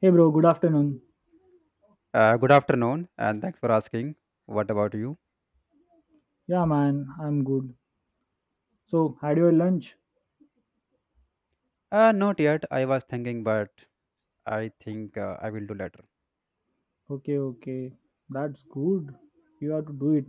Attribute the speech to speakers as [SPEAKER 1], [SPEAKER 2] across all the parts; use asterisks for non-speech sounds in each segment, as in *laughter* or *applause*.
[SPEAKER 1] Hey bro, good afternoon.
[SPEAKER 2] Good afternoon, and thanks for asking. What about you?
[SPEAKER 1] Yeah man, I'm good. So, had your lunch?
[SPEAKER 2] Not yet. I was thinking, but I think I will do later.
[SPEAKER 1] Okay, okay. That's good. You have to do it.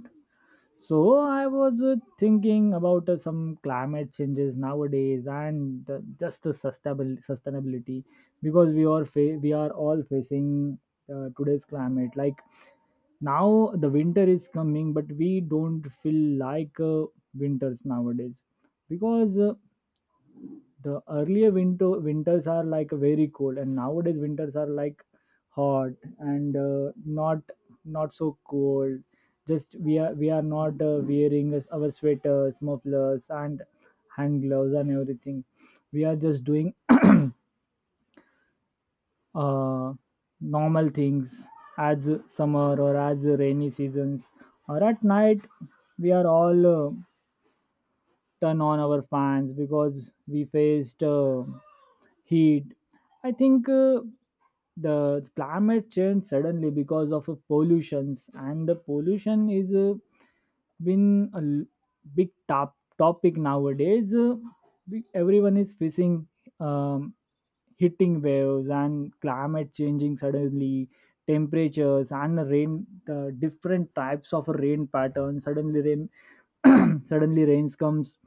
[SPEAKER 1] So, I was thinking about some climate changes nowadays and just sustainable sustainability because we are we are all facing today's climate like now the winter is coming but we don't feel like winters nowadays because the earlier winters are like very cold and nowadays winters are like hot and not so cold, just we are not wearing our sweaters, mufflers and hand gloves and everything. We are just doing uh, normal things as summer or as rainy seasons, or at night we are all turn on our fans because we faced heat. I think the climate changed suddenly because of pollutions, and the pollution is been big topic nowadays. Everyone is facing um, hitting waves and climate changing suddenly temperatures and rain, the different types of rain patterns, suddenly rain. *clears throat* Suddenly rains comes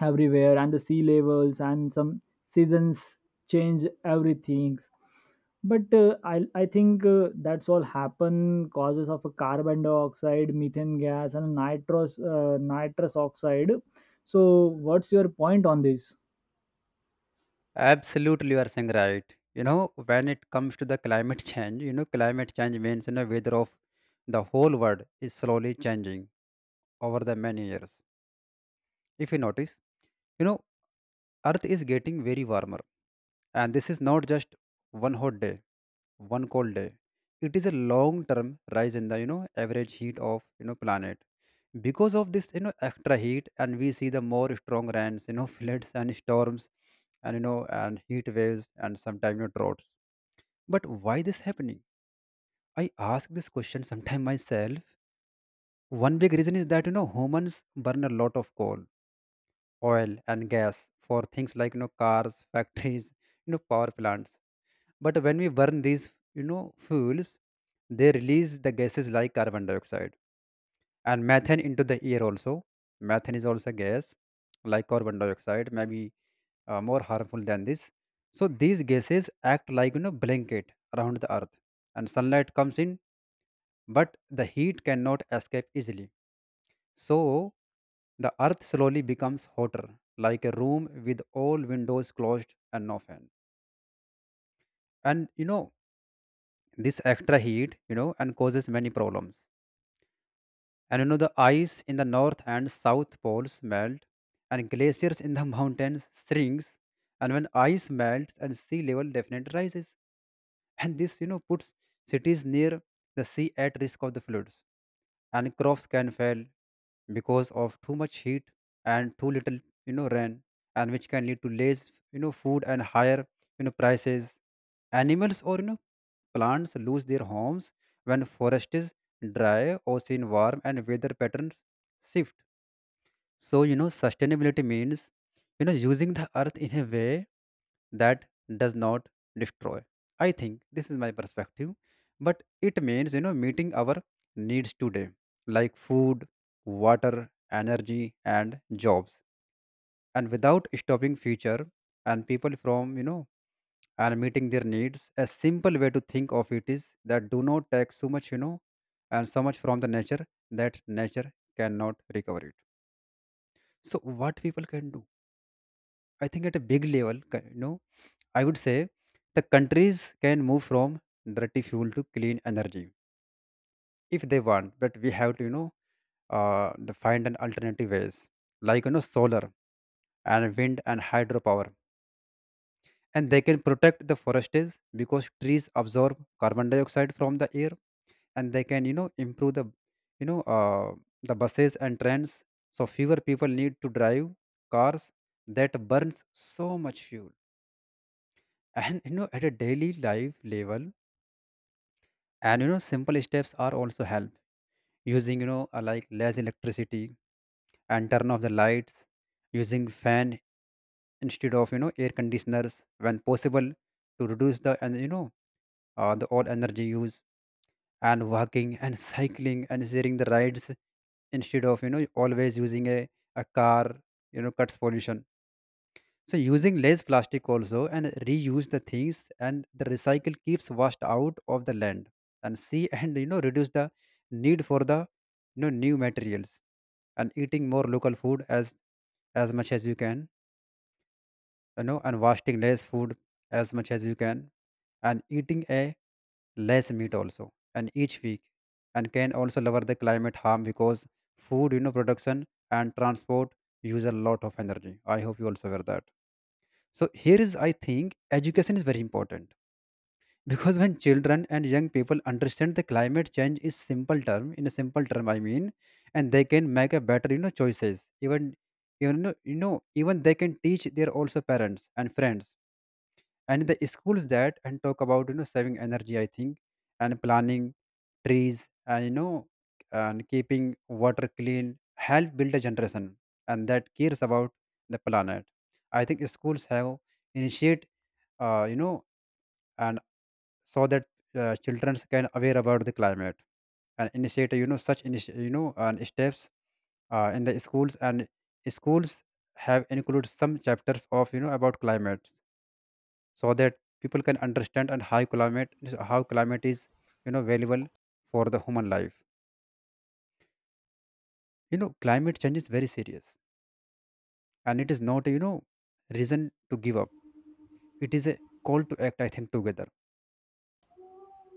[SPEAKER 1] everywhere, and the sea levels and some seasons change everything. But I think that's all happen causes of a carbon dioxide, methane gas and nitrous oxide. So what's your point on this?
[SPEAKER 2] Absolutely, you are saying right. When it comes to the climate *laughs* change, climate change means weather of the whole world is slowly changing over the many years. If you notice, you know, Earth is getting very warmer, and this is not just one hot day, one cold day. It is a long-term rise in the average heat of planet. Because of this extra heat, and we see the more strong rains, *laughs* floods and storms, and and heat waves and sometimes droughts. But why this happening? I ask this question sometime myself. One big reason is that humans burn a lot of coal, oil, and gas for things like cars, *laughs* factories, power plants. But when we burn these fuels, they release the gases like carbon dioxide and methane into the air. Also, methane is also a gas like carbon dioxide, maybe more harmful than this. So these gases act like blanket around the earth, and sunlight comes in but the heat cannot escape easily. So the earth slowly becomes hotter, like a room with all windows closed and no fan. And this extra heat, and causes many problems. And the ice in the north and south poles melt, and glaciers in the *laughs* mountains shrinks. And when ice melts and sea level definitely rises, and this puts cities near the sea at risk of the floods, and crops can fail because of too much heat and too little rain, and which can lead to less food and higher prices. Animals or plants lose their homes when forest is dry, ocean warm, and weather patterns shift. So, sustainability means, using the earth in a way that does not destroy. I think this is my perspective, but it means, meeting our needs today, like food, water, energy, and jobs, and without stopping future and people from, and meeting their needs. A simple way to think of it is that do not take so much, and so much from the nature that nature cannot recover it. So, what people can do? I think at a big level, I would say the countries can move from dirty fuel to clean energy if they want, but we have to, the find an alternative ways like solar and wind and hydropower, and they can protect the forests because trees absorb carbon dioxide from the air, and they can, improve the, you know, uh, buses and trains, so fewer people need to drive cars that burns so much fuel. And at a daily life level, and simple steps are also help, using like less electricity and turn off the lights, using fan instead of air conditioners when possible to reduce the and the all energy use. And walking and *laughs* cycling and sharing the rides, instead of always using a car, cuts pollution. So using less plastic also, and reuse the things and the recycle keeps washed out of the land and sea, *laughs* and reduce the need for the new materials, and eating more local food as much as you can, and wasting less food as much as you can, and eating a less meat also and each week and can also lower the climate harm because food production and transport use a lot of energy. I hope you also aware that. So here is I think education is very important, because when children and young people understand the climate change is simple term, in a simple term I mean, and they can make a better choices, even even they can teach their also parents and friends and the schools that and talk about saving energy, I think, and planning trees and and keeping water clean help build a generation and that cares about the planet. I think schools have initiate uh, you know, and so that children can aware about the climate and initiate, such and steps in the schools and schools have included some chapters of about climate, so that people can understand and how climate is valuable for the human life. Climate change is very serious, and it is not reason to give up. It is a call to act, I think, together.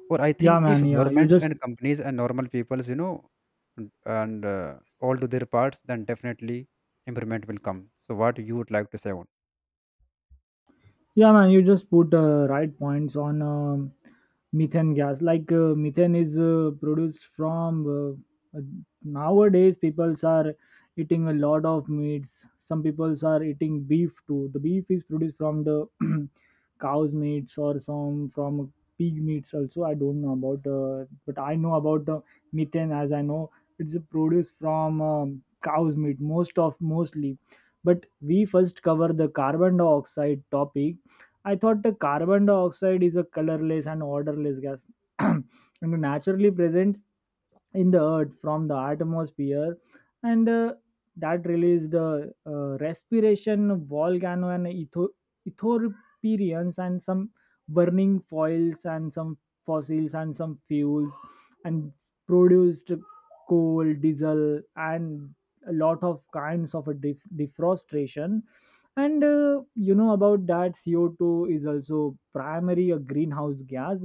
[SPEAKER 2] Or I
[SPEAKER 1] Yeah
[SPEAKER 2] think if
[SPEAKER 1] man, yeah. You
[SPEAKER 2] governments
[SPEAKER 1] just
[SPEAKER 2] and companies and normal peoples, and and all do their parts, then definitely improvement will come. So, what you would like to say on?
[SPEAKER 1] Yeah, man, you just put right points on methane gas. Like methane is produced from nowadays, people are eating a lot of meats. Some people are eating beef too. The beef is produced from the *clears throat* cow's meats or some from pig meats also. I don't know about, but I know about methane. As I know, it's produced from cow's meat mostly. But we first cover the carbon dioxide topic. I thought the carbon dioxide is a colorless and odorless gas *clears throat* and naturally present in the earth from the atmosphere, and that released the respiration, volcano and ethiopians and some burning foils and some fossils and some fuels and produced coal, diesel and a lot of kinds of defrostration. And you know about that co2 is also primary a greenhouse gas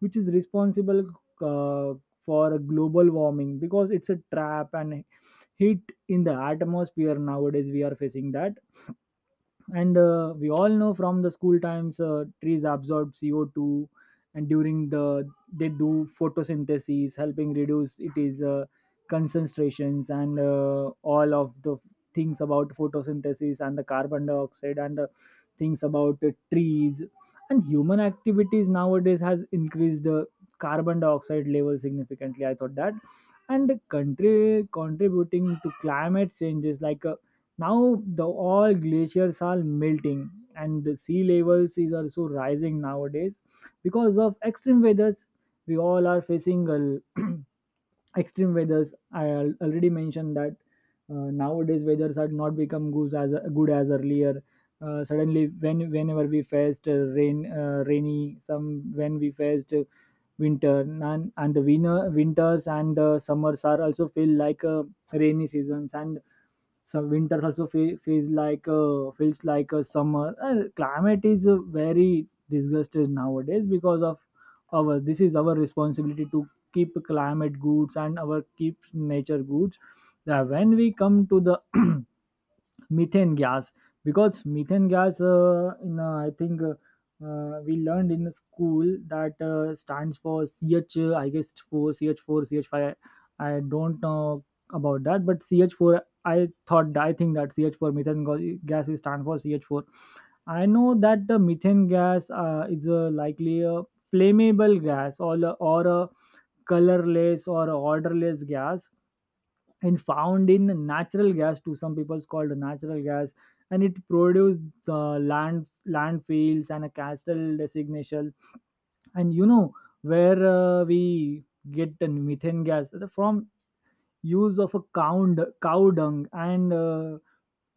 [SPEAKER 1] which is responsible uh, for global warming because it's a trap and heat in the atmosphere. Nowadays we are facing that, and we all know from the school times trees absorb co2, and during the they do photosynthesis, helping reduce it is concentrations and all of the things about photosynthesis and the carbon dioxide and the things about the trees. And human activities nowadays has increased the carbon dioxide level significantly, I thought that. And the country contributing to climate changes, like now the all glaciers are melting and the sea levels is also rising nowadays because of extreme weathers. We all are facing a *clears throat* extreme weathers. Already mentioned that nowadays weathers are not become good, as good as earlier. Suddenly, whenever we faced rain, rainy, some when we faced winter, and the winters and the summers are also feel like rainy seasons, and some winters also feels like a summer. Climate is very disgusted nowadays because of our. This is our responsibility to keep climate goods and our keep nature goods. Now, when we come to the *clears throat* methane gas, because methane gas in I think we learned in the school that stands for ch I guess, 4, ch4, ch5, I don't know about that, but ch4, I think that gas is stand for ch4. I know that the methane gas is likely a flammable gas or a colorless or a odorless gas, and found in natural gas. To some people's called natural gas. And it produced landfills and a castle designation. And you know where we get the methane gas from: use of a cow, cow dung and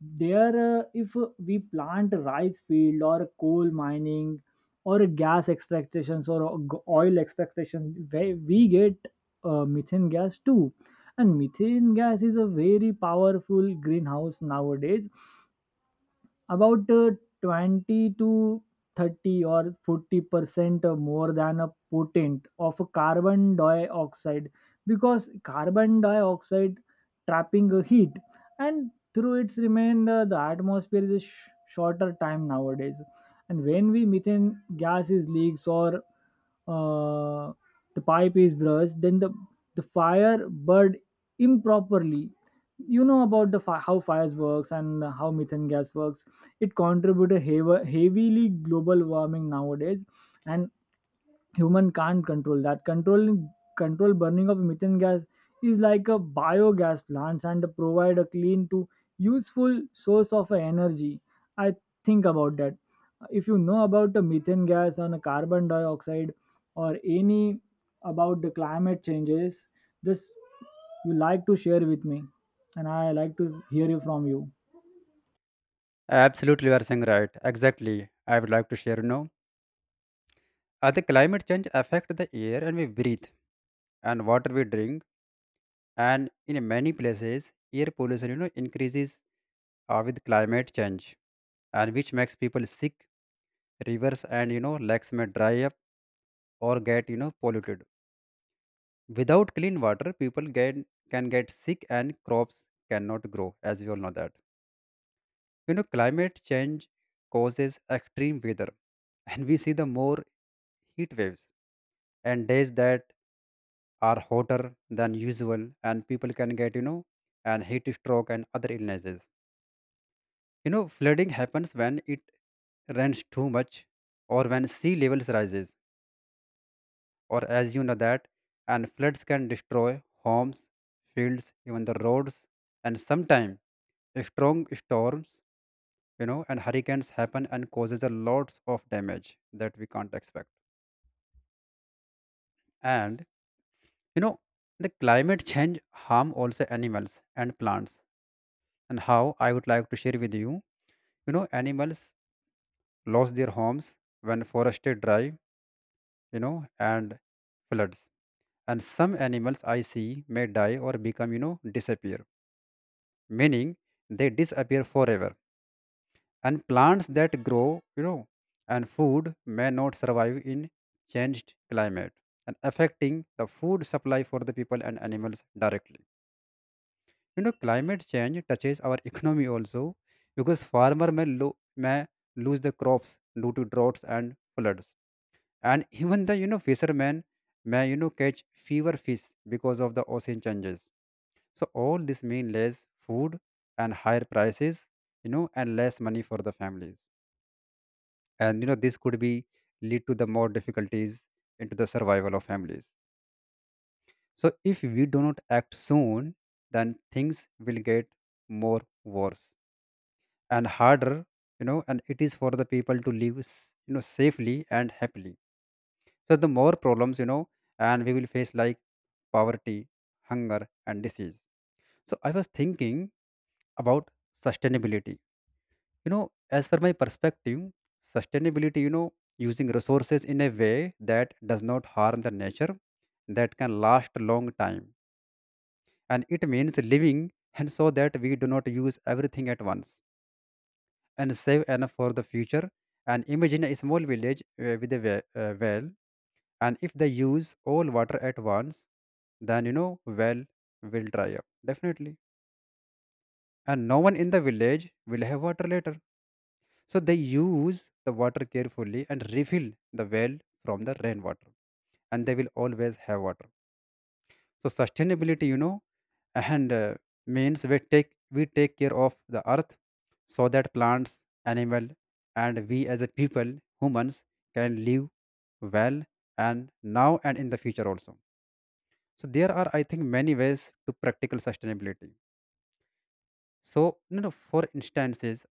[SPEAKER 1] there if we plant a rice field, or a coal mining, or a gas extractions, or a oil extraction, where we get methane gas too. And methane gas is a very powerful greenhouse nowadays, about 20 to 30 or 40% more than a potent of a carbon dioxide, because carbon dioxide trapping a heat, and through its remainder the atmosphere is a shorter time nowadays. And when we methane gas is leaks, or uh, the pipe is brushed, then the fire burned improperly. You know about the how fires works and how methane gas works, it contributed heavily global warming nowadays. And human can't control that. Control burning of methane gas is like a biogas plants and provide a clean to useful source of energy, I think about that. If you know about the methane gas and the carbon dioxide, or any about the climate changes, just you like to share with me, and I like to hear you from you.
[SPEAKER 2] Absolutely, you are saying right. Exactly. I would like to share, the climate change affect the air and we breathe and water we drink. And in many places, air pollution, increases with climate change, and which makes people sick. Rivers and, lakes may dry up or get, polluted. Without clean water, people get, can get sick and crops cannot grow, as we all know that. Climate change causes extreme weather, *laughs* and we see the more heat waves and days that are hotter than usual, and people can get, and heat stroke and other illnesses. Flooding happens when it rains too much or when sea levels rises, or as you know that, and floods can destroy homes, fields, even the roads, and sometimes strong storms and hurricanes happen and causes a lots of damage that we can't expect. And you know the climate change harm also animals and plants, and how I would like to share with you. You know Animals lost their homes when forested dry, you know and floods, and some animals I see may die or become disappear, meaning they disappear forever. And plants that grow you know and food may not survive in changed climate, and affecting the food supply for the people and animals directly. Climate change touches our *laughs* economy also, because farmer may lose the crops due to droughts and floods, and even the fishermen may catch fewer fish because of the ocean changes. So all this mean less food and higher prices, and less money for the families. And this could be lead to the more difficulties into the survival of families. So if we do not act soon, then things will get more worse and harder, and it is for the people to live safely and happily. So the more problems, and we will face like poverty, hunger, and disease. So I was thinking about sustainability. As per my perspective, sustainability, using resources in a way that does not harm the nature, that can last a long time. And it means living, and so that we do not use everything at once and save enough for the future. And imagine a small village with a well, and if they use all water at once, then well will dry up definitely. And no one in the village will have water later. So they use the water carefully and refill the well from the rainwater, and they will always have water. So sustainability, you know, and means we take care of the earth, so that plants, animal, and we as a people, humans, can live well, and now and in the future also. So there are, I think, many ways to practical sustainability. So for instances,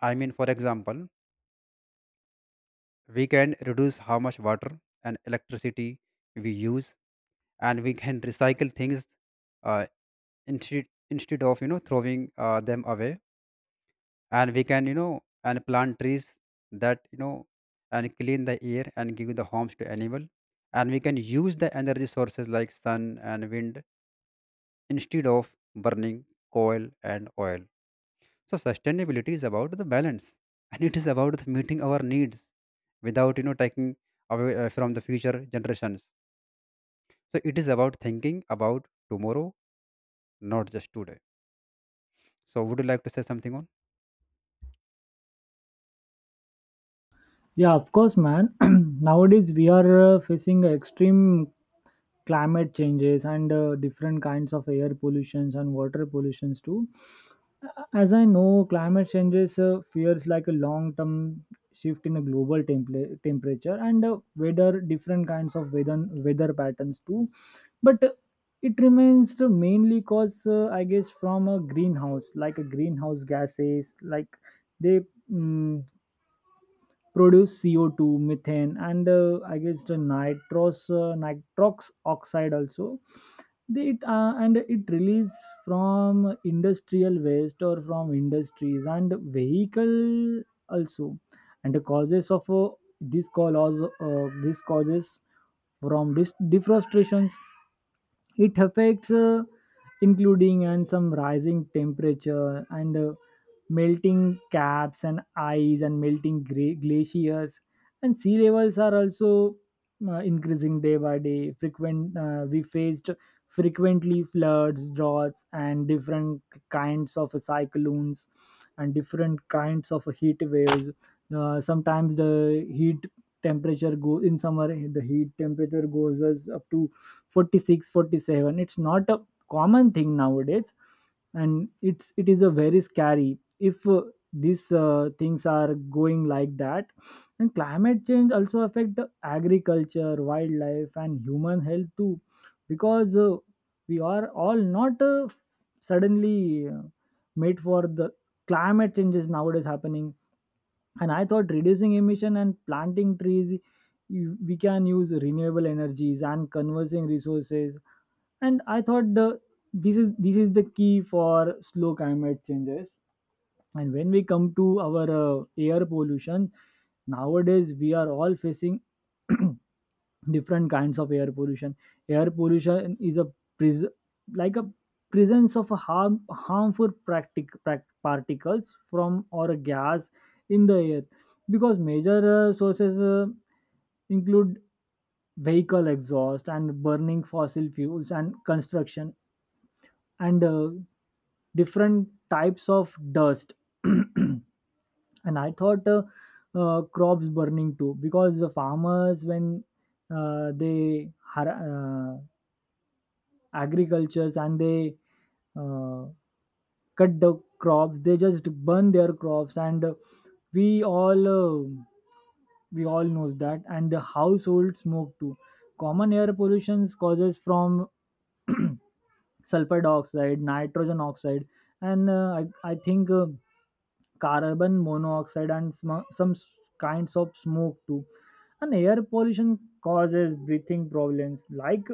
[SPEAKER 2] I mean, for example. We can reduce how much water and electricity we use, and we can recycle things uh, instead of throwing them away. And we can and plant trees that and clean the air and give the homes to animal. And we can use the energy sources like sun and wind instead of burning coal and oil. So sustainability is about the balance, and it is about the meeting our needs without taking away from the future generations. So it is about thinking about tomorrow, not just today. So would you like to say something on?
[SPEAKER 1] Yeah, of course, man. *clears throat* Nowadays, we are facing extreme climate changes and different kinds of air pollutions and water pollutions too. As I know, climate changes fears like a long-term shift in a global temperature and weather, different kinds of weather patterns too. But it remains to mainly cause, I guess, from a greenhouse, like a greenhouse gases, like they mm produce CO2, methane, and I guess the nitrox oxide also. And it release from industrial waste, or from industries and vehicle also. And the causes of this causes from deforestation. It affects including and some rising temperature, and melting caps and ice, and melting glaciers, and sea levels are also increasing day by day. Frequent We faced frequently floods, droughts, and different kinds of cyclones, and different kinds of heat waves. Sometimes the heat temperature go in summer, the heat temperature goes as up to 46, 47. It's not a common thing nowadays, and it is a very scary if these things are going like that. And climate change also affect the agriculture, wildlife and human health too, because we are all not suddenly made for the climate changes nowadays happening. And I thought, reducing emission and planting trees, we can use renewable energies and conversing resources, and I thought the, this is the key for slow climate changes. And when we come to our air pollution, nowadays we are all facing *clears throat* different kinds of air pollution. Air pollution is pres- like a presence of a harmful particles from or a gas in the air. Because major sources include vehicle exhaust and burning fossil fuels and construction, and different types of dust, *clears throat* and I thought crops burning too, because the farmers, when they agricultures, and they uh, cut the crops, they just burn their crops, and we all uh, we all knows that, and the household smoke too. Common air pollution causes from sulfur dioxide, nitrogen oxide, and I think carbon monoxide and some kinds of smoke too. And air pollution causes breathing problems. Like,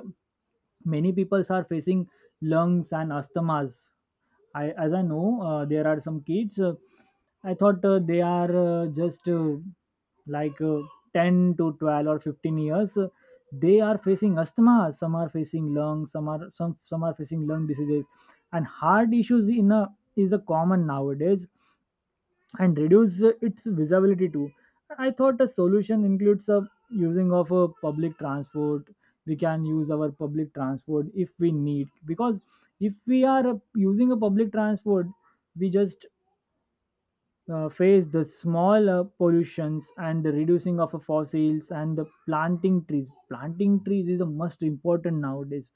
[SPEAKER 1] many people are facing lungs and asthmas. I As I know there are some kids, I thought they are just like 10 to 12 or 15 years they are facing asthma. Some are facing lungs. Some are facing lung diseases and heart issues in a is a common nowadays, and reduce its visibility too. I thought a solution includes a using of a public transport. We can use our public transport if we need, because if we are using a public transport, we just face the small pollutions and the reducing of fossils, and the planting trees. Planting trees is the most important nowadays.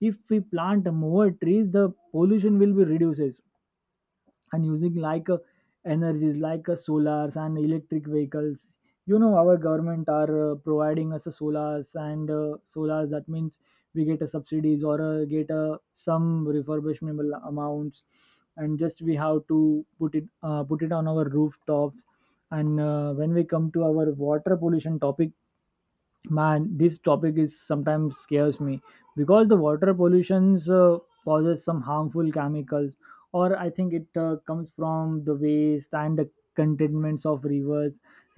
[SPEAKER 1] If we plant more trees, the pollution will be reduces. And using like energies like solars and electric vehicles. You know, our government are providing us a solars, and solars that means we get a subsidies or get some refurbishable amounts, and just we have to put it on our rooftops. And when we come to our water pollution topic, man, this topic is sometimes scares me, because the water pollutions causes some harmful chemicals, or I think it comes from the waste and the contaminants of rivers,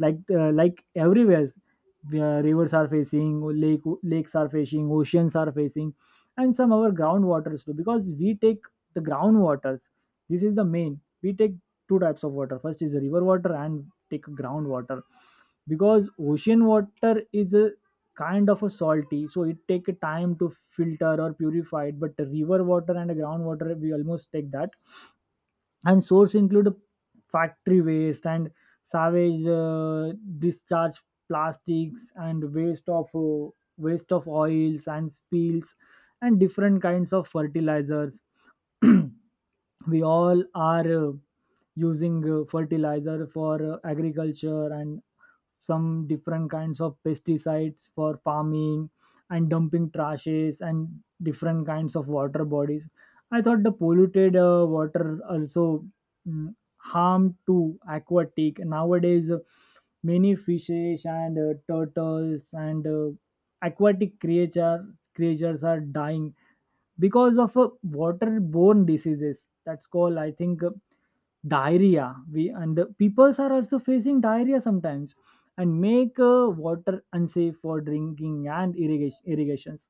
[SPEAKER 1] like everywhere. Rivers are facing, lakes are facing, oceans are facing, and some our groundwaters too, because we take the groundwaters. This is the main we take two types of water: first is river water, and take groundwater, because ocean water is a kind of a salty, so it take a time to filter or purify it. But the river water and the groundwater we almost take that. And source include factory waste and savage discharge, plastics, and waste of oils and spills, and different kinds of fertilizers. *clears throat* We all are using fertilizer for agriculture, and some different kinds of pesticides for farming, and dumping trashes and different kinds of water bodies. I thought the polluted water also harm to aquatic. Nowadays many fishes and turtles and aquatic creatures are dying because of waterborne diseases. That's called, I think, diarrhea. We and the peoples are also facing diarrhea sometimes, and make water unsafe for drinking and irrigations,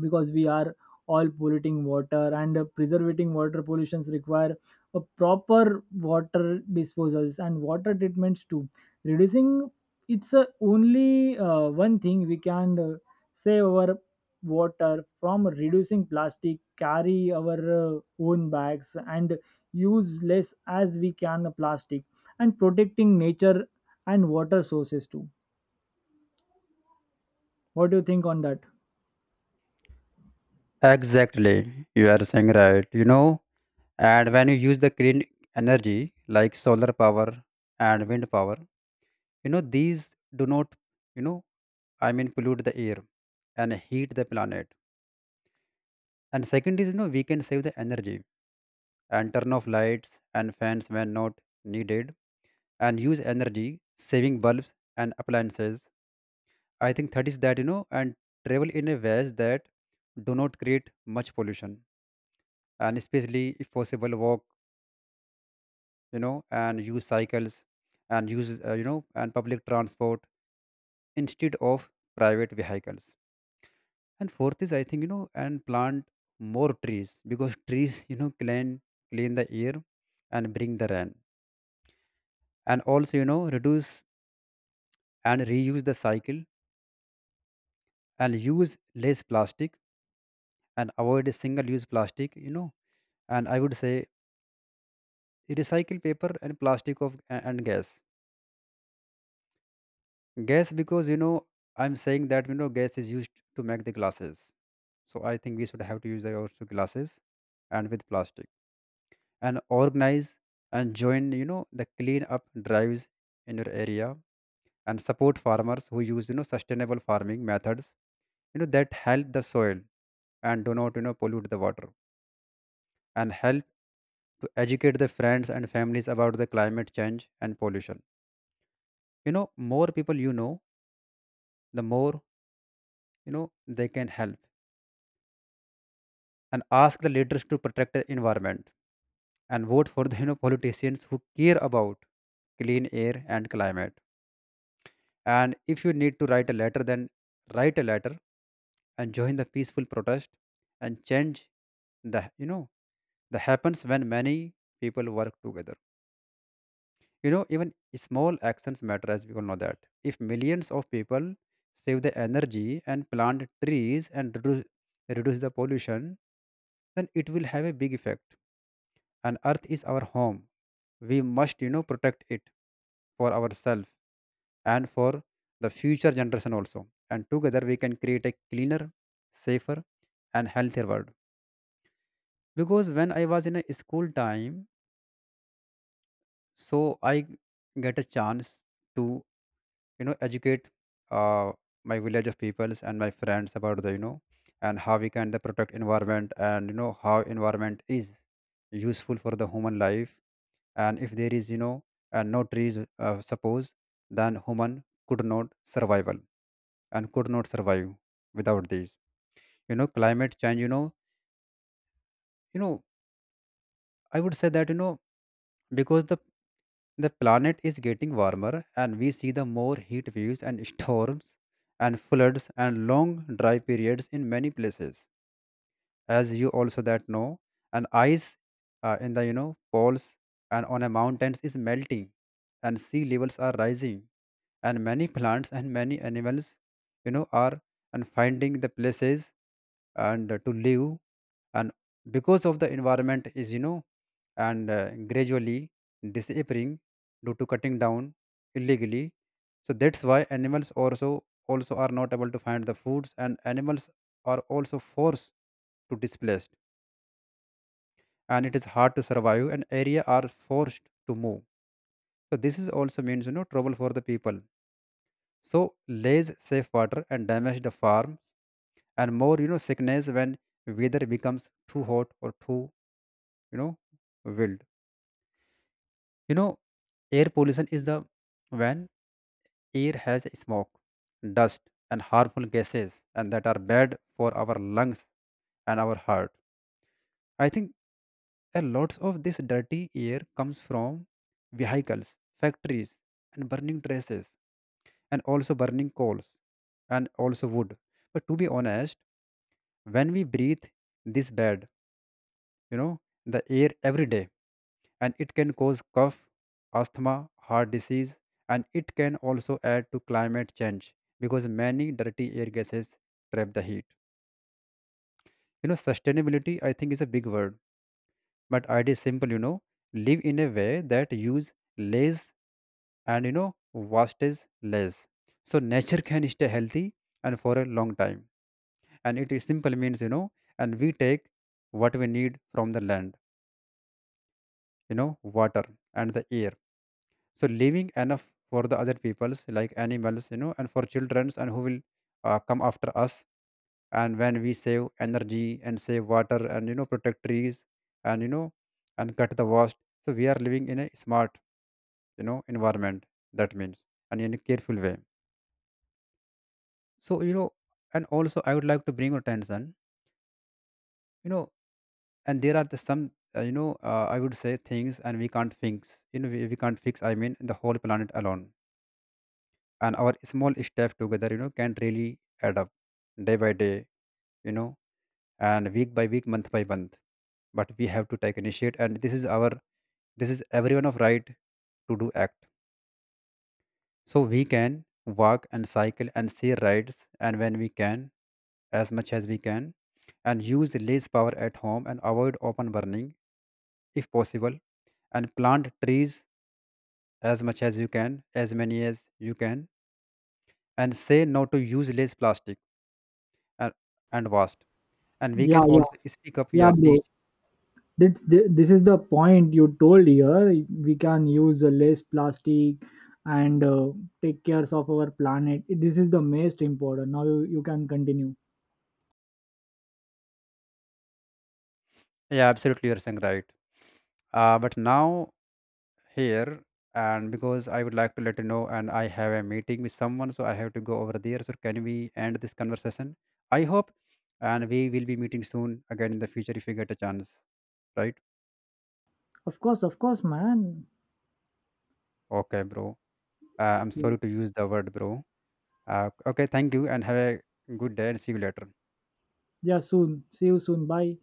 [SPEAKER 1] because we are all polluting water. And preserving water pollutions require a proper water disposals and water treatments too. Reducing, it's only one thing we can save our water from: reducing plastic, carry our own bags, and use less as we can plastic, and protecting nature and water sources too. What do you think on that?
[SPEAKER 2] Exactly, you are saying right. And when you use the clean energy like solar power and wind power, these do not, you know I mean, pollute the air and heat the planet. And second is, we can save the energy, and turn off lights and fans when not needed, and use energy saving bulbs and appliances. I think that is that, and travel in a ways that do not create much pollution, and especially if possible walk, and use cycles, and use, and public transport instead of private vehicles. And fourth is, I think, and plant more trees *laughs* because trees, clean the air, and bring the rain, and also reduce and reuse the cycle, and use less plastic, and avoid single use plastic, and I would say recycle paper and plastic and gas because, I'm saying that, gas is used to make the glasses, so I think we should have to use the also glasses, and with plastic, and organize, and join the clean up drives in your area, and support farmers who use sustainable farming methods, that help the soil and do not, pollute the water, and help to educate the friends and families about the climate change and pollution you know More people, the more, you know they can help, and ask the leaders to protect the environment, and vote for the *laughs* politicians who care about clean air and climate, and if you need to write a letter, then write a letter, and join the peaceful protest, and change the that happens when many people work together. Even small actions matter, as we all know that. If millions of people save the energy and plant trees and reduce the pollution, then it will have a big effect. And earth is our home. We must, protect it for ourselves and for the future generation also. And together we can create a cleaner, safer, and healthier world. Because when I was in a school time, so I get a chance to educate, uh, my village of peoples and my friends about the and how we can the protect environment, and how environment is useful for the human life, and if there is, and no trees, suppose, then human could not survival and could not survive without these, climate change. You know I would say that, because the planet is getting warmer, and we see the more heat waves and storms and floods and long dry periods in many places, as you also that know. And ice, in the, poles and on a mountains is melting, and sea levels are rising, and many plants and many animals, are and finding the places and to live, and because of the environment is, and gradually disappearing due to cutting down illegally. So that's why animals also are not able to find the foods, and animals are also forced to displaced, and it is hard to survive, and area are forced to move. So this is also means, trouble for the people, so lays safe water and damage the farms, and more, sickness when weather becomes too hot or too, know wild. You know, air pollution is the when air has smoke, dust, and harmful gases, and that are bad for our lungs and our heart. I think a lot of this dirty air comes from vehicles, factories, and burning traces, and also burning coals, and also wood. But to be honest, when we breathe this bad, the air every day. And it can cause cough, asthma, heart disease, and it can also add to climate change because many dirty air gases trap the heat. Sustainability I think is a big word, but idea is simple, live in a way that use less and wastes less. So nature can stay healthy and for a long time. And it is simple means, and we take what we need from the land, water and the air, so leaving enough for the other peoples like animals, and for childrens and who will, come after us, and when we save energy and save water and protect trees, and you know and cut the waste, so we are living in a smart, environment, that means and in a careful way. So, and also I would like to bring attention, you know and there are the some, I would say things and we can't fix, we can't fix, I mean, the whole planet alone, and our small step together, can really add up day by day, you know and week by week, month by month. But we have to take initiate, and this is our, this is everyone of right, to do act. So we can walk and cycle and see rides and when we can, as much as we can, and use less power at home, and avoid open burning if possible, and plant trees as much as you can, as many as you can, and say no to use less plastic, and, and waste, and we can
[SPEAKER 1] Yeah, yeah,
[SPEAKER 2] also speak up,
[SPEAKER 1] yeah,
[SPEAKER 2] yeah,
[SPEAKER 1] bro.
[SPEAKER 2] teach.
[SPEAKER 1] This is the point you told here. We can use less plastic, and take cares of our planet. This is the most important. Now, you can continue.
[SPEAKER 2] Yeah, absolutely, you're saying right. But now, here, and because I would like to let you know, and I have a meeting with someone, so I have to go over there, so can we end this conversation? I hope, and we will be meeting soon again in the future if you get a chance, right?
[SPEAKER 1] Of course, man.
[SPEAKER 2] Okay, bro. I'm sorry to use the word bro. Okay, thank you, and have a good day, and see you later.
[SPEAKER 1] Yeah, soon. See you soon. Bye.